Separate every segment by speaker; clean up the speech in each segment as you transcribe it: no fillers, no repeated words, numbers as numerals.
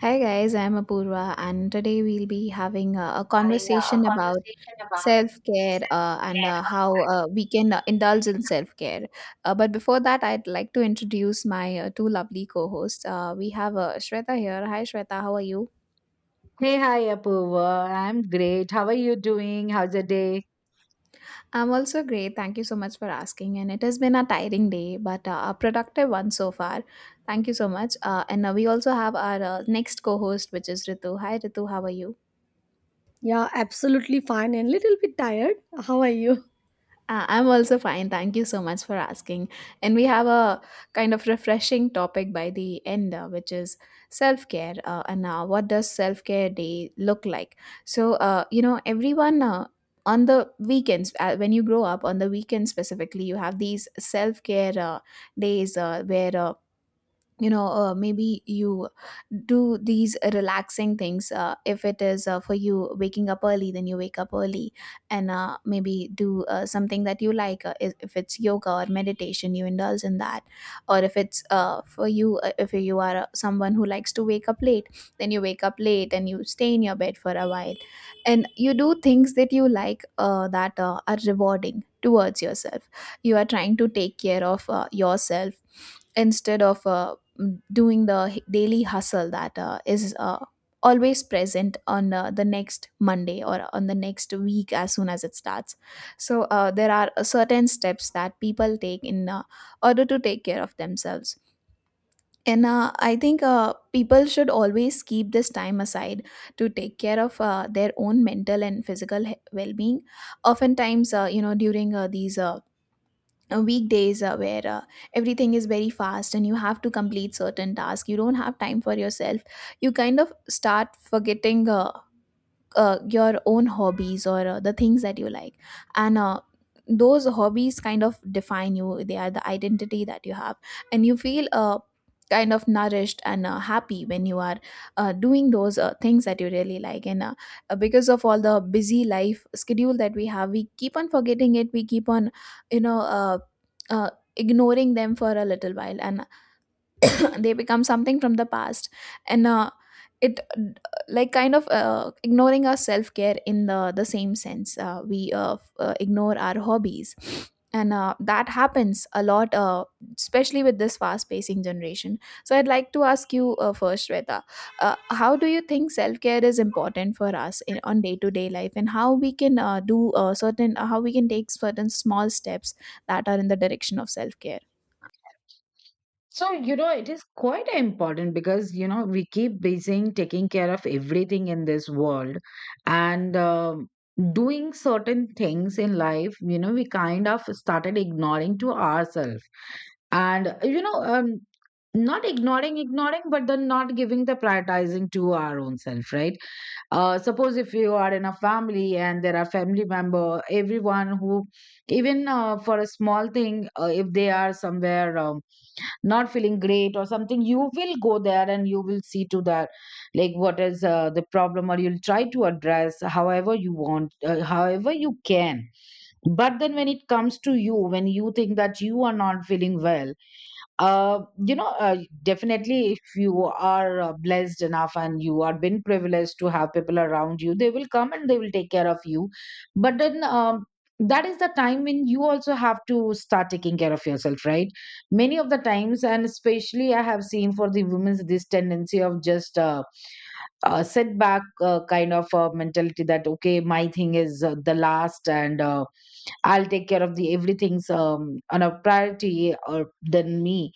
Speaker 1: Hi guys, I'm Apurva, and today we'll be having a conversation about self-care and how we can indulge in self-care. But before that, I'd like to introduce my two lovely co-hosts. We have Shweta here. Hi Shweta, how are you?
Speaker 2: Hey, hi, Apurva. I'm great. How are you doing? How's the day?
Speaker 1: I'm also great. Thank you so much for asking. And it has been a tiring day, but a productive one so far. Thank you so much. And we also have our next co-host, which is Ritu. Hi Ritu, how are you?
Speaker 3: Yeah, absolutely fine and little bit tired. How are you?
Speaker 1: I'm also fine. Thank you so much for asking. And we have a kind of refreshing topic by the end, which is self care. And what does self care day look like? So, everyone. On the weekends, when you grow up, on the weekends specifically, you have these self care days where maybe you do these relaxing things, if it is, for you waking up early, then you wake up early and maybe do something that you like, if it's yoga or meditation, you indulge in that, or if it's, for you, if you are someone who likes to wake up late, then you wake up late and you stay in your bed for a while and you do things that you like, that are rewarding towards yourself. You are trying to take care of yourself instead of, doing the daily hustle that is always present on the next Monday or on the next week as soon as it starts. So there are certain steps that people take in order to take care of themselves. And I think people should always keep this time aside to take care of their own mental and physical well-being. Oftentimes, during these weekdays where everything is very fast and you have to complete certain tasks, you don't have time for yourself. You kind of start forgetting your own hobbies or the things that you like, and those hobbies kind of define you. They are the identity that you have, and you feel kind of nourished and happy when you are doing those things that you really like. And because of all the busy life schedule that we have, we keep on forgetting it. We keep on, you know uh, uh, ignoring them for a little while, and they become something from the past. And it, like, kind of ignoring our self care in the same sense, we ignore our hobbies, and that happens a lot, especially with this fast pacing generation. So I'd like to ask you, first Shweta, how do you think self care is important for us in, on day to day life, and how we can do certain, how we can take certain small steps that are in the direction of self care?
Speaker 2: So, you know, it is quite important because, you know, we keep busy taking care of everything in this world and doing certain things in life, you know, we kind of started ignoring to ourselves. And, you know, not ignoring but then not giving the prioritizing to our own self, right? Suppose if you are in a family and there are family member, everyone who even for a small thing, if they are somewhere, not feeling great or something, you will go there and you will see to that, like what is the problem, or you'll try to address however you want, however you can. But then when it comes to you, when you think that you are not feeling well, uh, you know, uh, definitely, if you are blessed enough and you are been privileged to have people around you, they will come and they will take care of you. But then, that is the time when you also have to start taking care of yourself, right? Many of the times, and especially I have seen for the women's this tendency of just setback kind of a mentality that okay, my thing is the last, and I'll take care of the everything's on a priority or than me.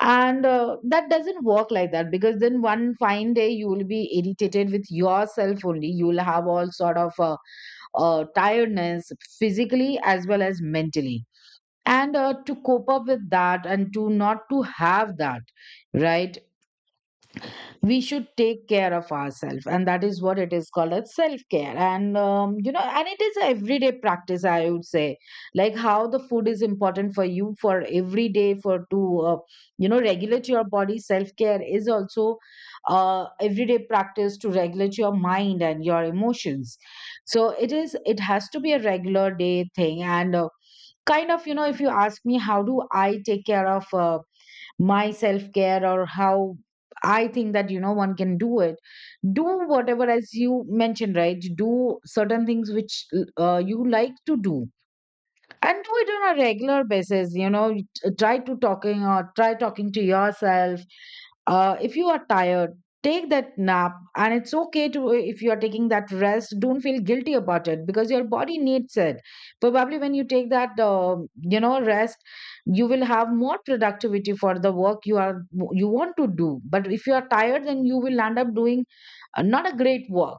Speaker 2: And that doesn't work like that, because then one fine day you will be irritated with yourself only, you will have all sort of tiredness physically as well as mentally. And to cope up with that and to not to have that, right, we should take care of ourselves, and that is what it is called as self-care. And you know, and it is a everyday practice, I would say. Like how the food is important for you for every day for to you know regulate your body, self-care is also everyday practice to regulate your mind and your emotions. So it is, it has to be a regular day thing. And kind of, you know, if you ask me how do I take care of my self care, or how I think that, you know, one can do it. Do whatever, as you mentioned, right? Do certain things which you like to do, and do it on a regular basis. You know, try talking to yourself if you are tired, take that nap, and it's okay to if you are taking that rest. Don't feel guilty about it, because your body needs it. Probably when you take that, rest, you will have more productivity for the work you want to do. But if you are tired, then you will end up doing not a great work.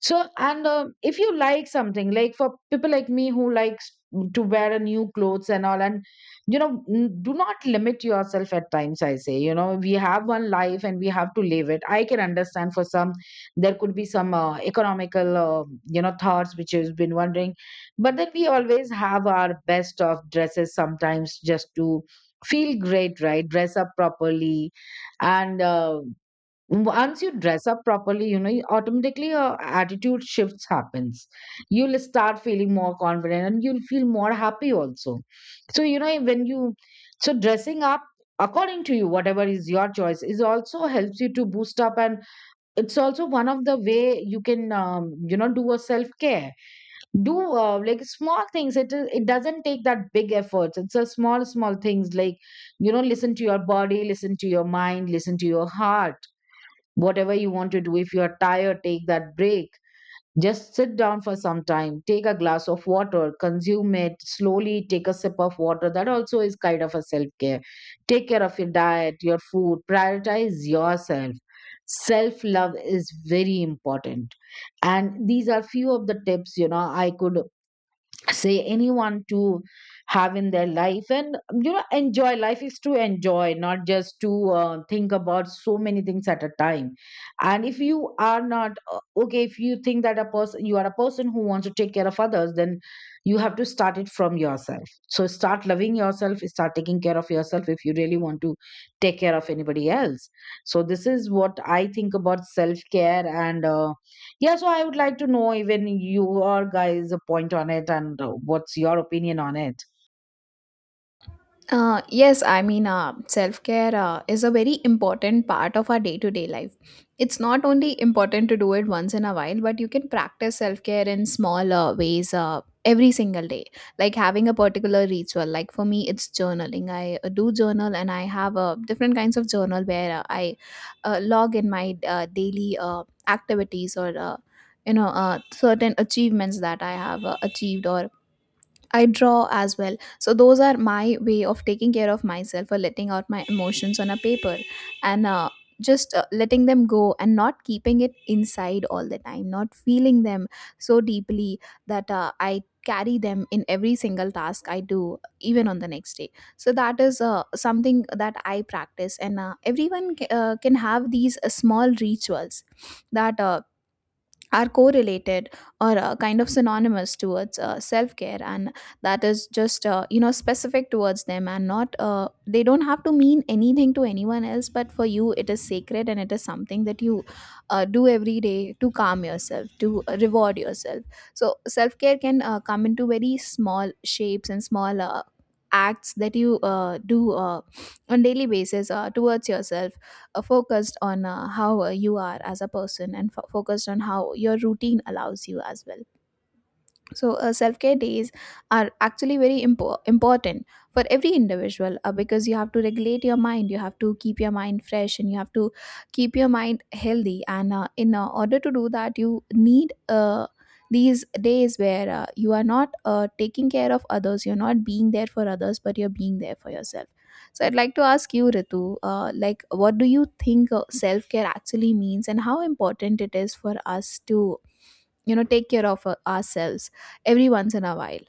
Speaker 2: So, and if you like something, like for people like me who likes to wear a new clothes and all, and you know, do not limit yourself. At times I say, you know, we have one life and we have to live it. I can understand for some there could be some economical you know thoughts which has been wondering, but then we always have our best of dresses sometimes just to feel great, right? Dress up properly. And once you dress up properly, you know, you automatically your attitude shifts happens. You'll start feeling more confident and you'll feel more happy also. So you know, when you, so dressing up according to you whatever is your choice is also helps you to boost up. And it's also one of the way you can you know do a self care. Do like small things. It doesn't take that big efforts. It's a small small things like, you know, listen to your body, listen to your mind, listen to your heart. Whatever you want to do, if you're tired, take that break. Just sit down for some time, take a glass of water, consume it slowly, take a sip of water. That also is kind of a self care. Take care of your diet, your food, prioritize yourself. Self love is very important, and these are few of the tips, you know, I could say anyone to have in their life. And you know, enjoy life is to enjoy, not just to think about so many things at a time. And if you are not okay, if you think that a person, you are a person who wants to take care of others, then you have to start it from yourself. So start loving yourself, start taking care of yourself, if you really want to take care of anybody else. So this is what I think about self care. And yeah, so I would like to know even your guys' point on it, and what's your opinion on it.
Speaker 1: Yes, I mean, self care is a very important part of our day to day life. It's not only important to do it once in a while, but you can practice self care in small ways every single day. Like having a particular ritual. Like for me, it's journaling. I do journal, and I have different kinds of journal where I log in my daily activities, or certain achievements that I have achieved, or I draw as well. So those are my way of taking care of myself or letting out my emotions on a paper, and just letting them go and not keeping it inside all the time, not feeling them so deeply that I carry them in every single task I do, even on the next day. So that is something that I practice, and everyone can have these small rituals that are correlated or kind of synonymous towards self-care, and that is just, specific towards them, and not, they don't have to mean anything to anyone else, but for you it is sacred and it is something that you do every day to calm yourself, to reward yourself. So self-care can come into very small shapes and small acts that you do on daily basis towards yourself, focused on how you are as a person, and focused on how your routine allows you as well. So self-care days are actually very important for every individual, because you have to regulate your mind, you have to keep your mind fresh, and you have to keep your mind healthy, and in order to do that you need these days where you are not taking care of others, you're not being there for others, but you're being there for yourself. So I'd like to ask you, Ritu, like, what do you think self-care actually means, and how important it is for us to, you know, take care of ourselves every once in a while.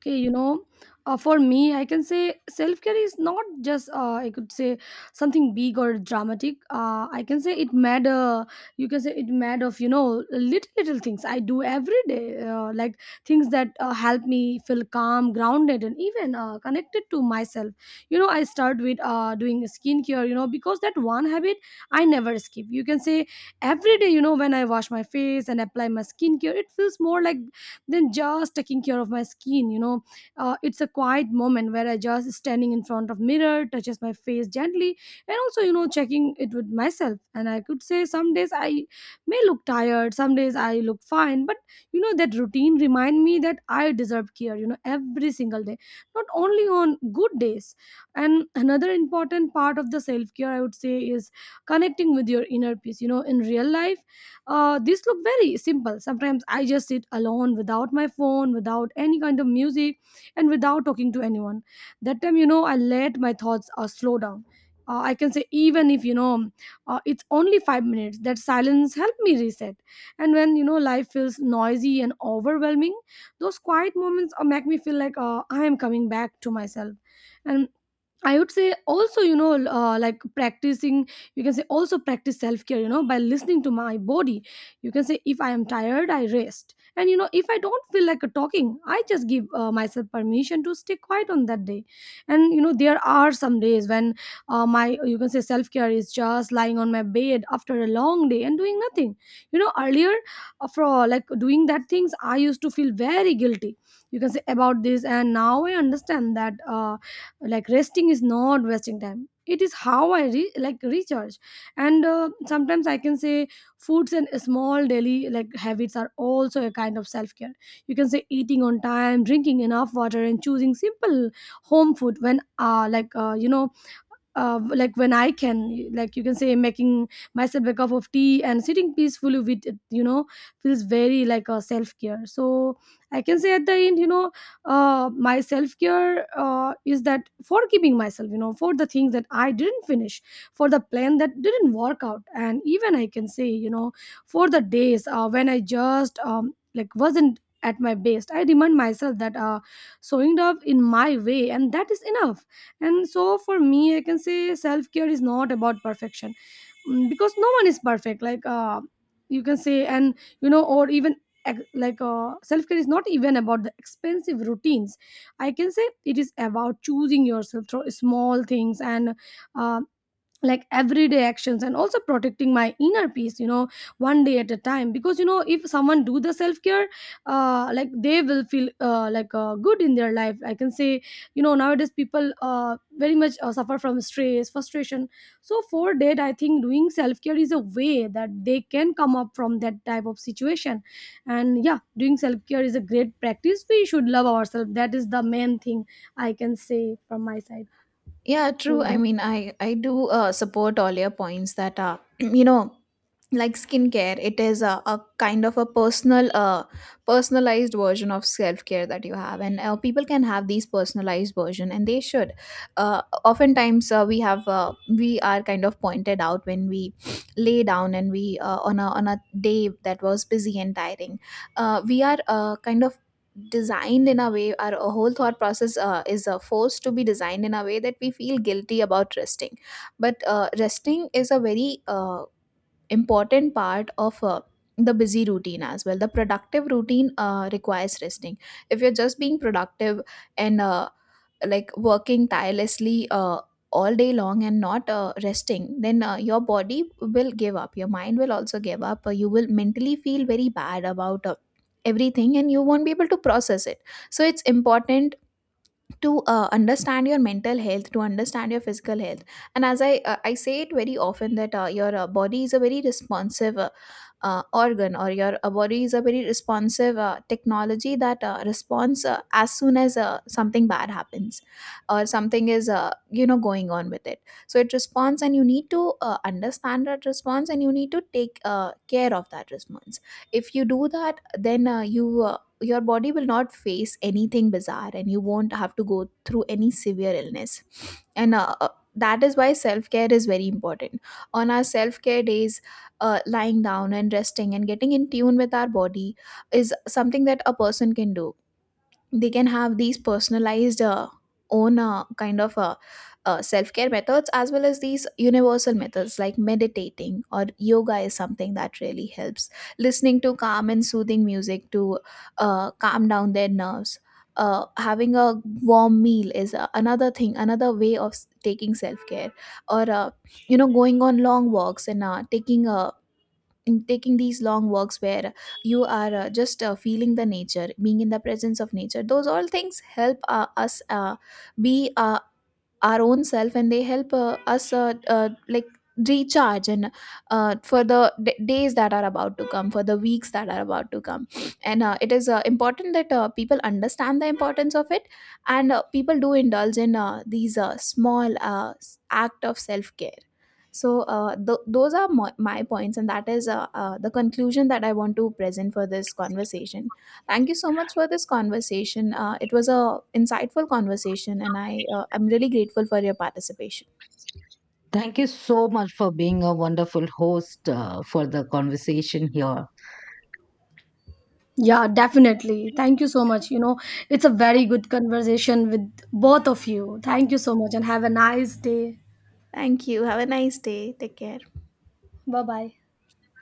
Speaker 3: Okay, you know, for me, I can say self-care is not just I could say something big or dramatic. I can say it matter, you can say, it matter of, you know, little little things I do every day, like things that help me feel calm, grounded, and even connected to myself. You know, I start with doing skincare, you know, because that one habit I never skip, you can say, every day. You know, when I wash my face and apply my skincare, it feels more like than just taking care of my skin, you know. It's a quiet moment where I just standing in front of mirror touches my face gently, and also, you know, checking it with myself. And I could say, some days I may look tired, some days I look fine, but you know, that routine remind me that I deserve care, you know, every single day, not only on good days. And another important part of the self care, I would say, is connecting with your inner peace, you know, in real life. This look very simple. Sometimes I just sit alone without my phone, without any kind of music, and without talking to anyone. That time, you know, I let my thoughts slow down. I can say, even if, you know, it's only 5 minutes, that silence helped me reset. And when, you know, life feels noisy and overwhelming, those quiet moments make me feel like I am coming back to myself. And I would say also, you know, like practicing, you can say, also practice self care, you know, by listening to my body. You can say, if I am tired, I rest. And, you know, if I don't feel like a talking, I just give myself permission to stay quiet on that day. And, you know, there are some days when my, you can say, self care is just lying on my bed after a long day and doing nothing. You know, earlier, for like doing that things, I used to feel very guilty. You can say about this. And now I understand that. Like resting is not wasting time, it is how like recharge. And sometimes I can say foods and small daily like habits are also a kind of self care. You can say eating on time, drinking enough water, and choosing simple home food, when like you know, like when I can, like you can say, making myself a cup of tea and sitting peacefully with it, you know, feels very like a self care. So I can say at the end, you know, my self care is that forgiving myself, you know, for the things that I didn't finish, for the plan that didn't work out, and even I can say, you know, for the days when I just like wasn't at my best. I remind myself that, showing up in my way, and that is enough. And so for me, I can say self-care is not about perfection. Because no one is perfect, like you can say, and you know, or even like self-care is not even about the expensive routines, I can say. It is about choosing yourself through small things and uh, like everyday actions, and also protecting my inner peace, you know, one day at a time. Because, you know, if someone do the self care, like they will feel like good in their life, I can say. You know, nowadays people very much suffer from stress, frustration. So for that, I think doing self care is a way that they can come up from that type of situation. And yeah, doing self care is a great practice. We should love ourselves. That is the main thing I can say from my side.
Speaker 1: Yeah, true.
Speaker 3: Yeah,
Speaker 1: I
Speaker 3: that's
Speaker 1: mean, I do support all your points that are, you know, like skincare. It is a kind of a personal, personalized version of self-care that you have, and people can have these personalized version, and they should. Oftentimes, we have, we are kind of pointed out when we lay down, and we, on a day that was busy and tiring, we are kind of designed in a way, our whole thought process is forced to be designed in a way that we feel guilty about resting. But resting is a very important part of the busy routine as well. The productive routine requires resting. If you're just being productive and like working tirelessly all day long and not resting, then your body will give up. Your mind will also give up. You will mentally feel very bad about, everything, and you won't be able to process it. So it's important to understand your mental health, to understand your physical health. And as I, I say it very often, that your body is a very responsive organ, or your body is a very responsive technology that responds as soon as something bad happens or something is, you know, going on with it. So it responds, and you need to understand that response, and you need to take care of that response. If you do that, then you, your body will not face anything bizarre, and you won't have to go through any severe illness. And that is why self care is very important. On our self care days, lying down and resting and getting in tune with our body is something that a person can do. They can have these personalized own self-care methods, as well as these universal methods like meditating or yoga is something that really helps. Listening to calm and soothing music to calm down their nerves. Having a warm meal is another thing, another way of taking self-care. Or going on long walks and taking a, in taking these long walks where you are just feeling the nature, being in the presence of nature, those all things help us be our own self, and they help us like recharge, and for the days that are about to come, for the weeks that are about to come. And it is important that people understand the importance of it, and people do indulge in these small act of self-care. So those are my points, and that is the conclusion that I want to present for this conversation. Thank you so much for this conversation. It was a insightful conversation, and I'm really grateful for your participation.
Speaker 2: Thank you so much for being a wonderful host for the conversation here.
Speaker 3: Yeah, definitely. Thank you so much. You know, it's a very good conversation with both of you. Thank you so much, and have a nice day.
Speaker 1: Thank you. Have a nice day. Take care.
Speaker 3: Bye bye.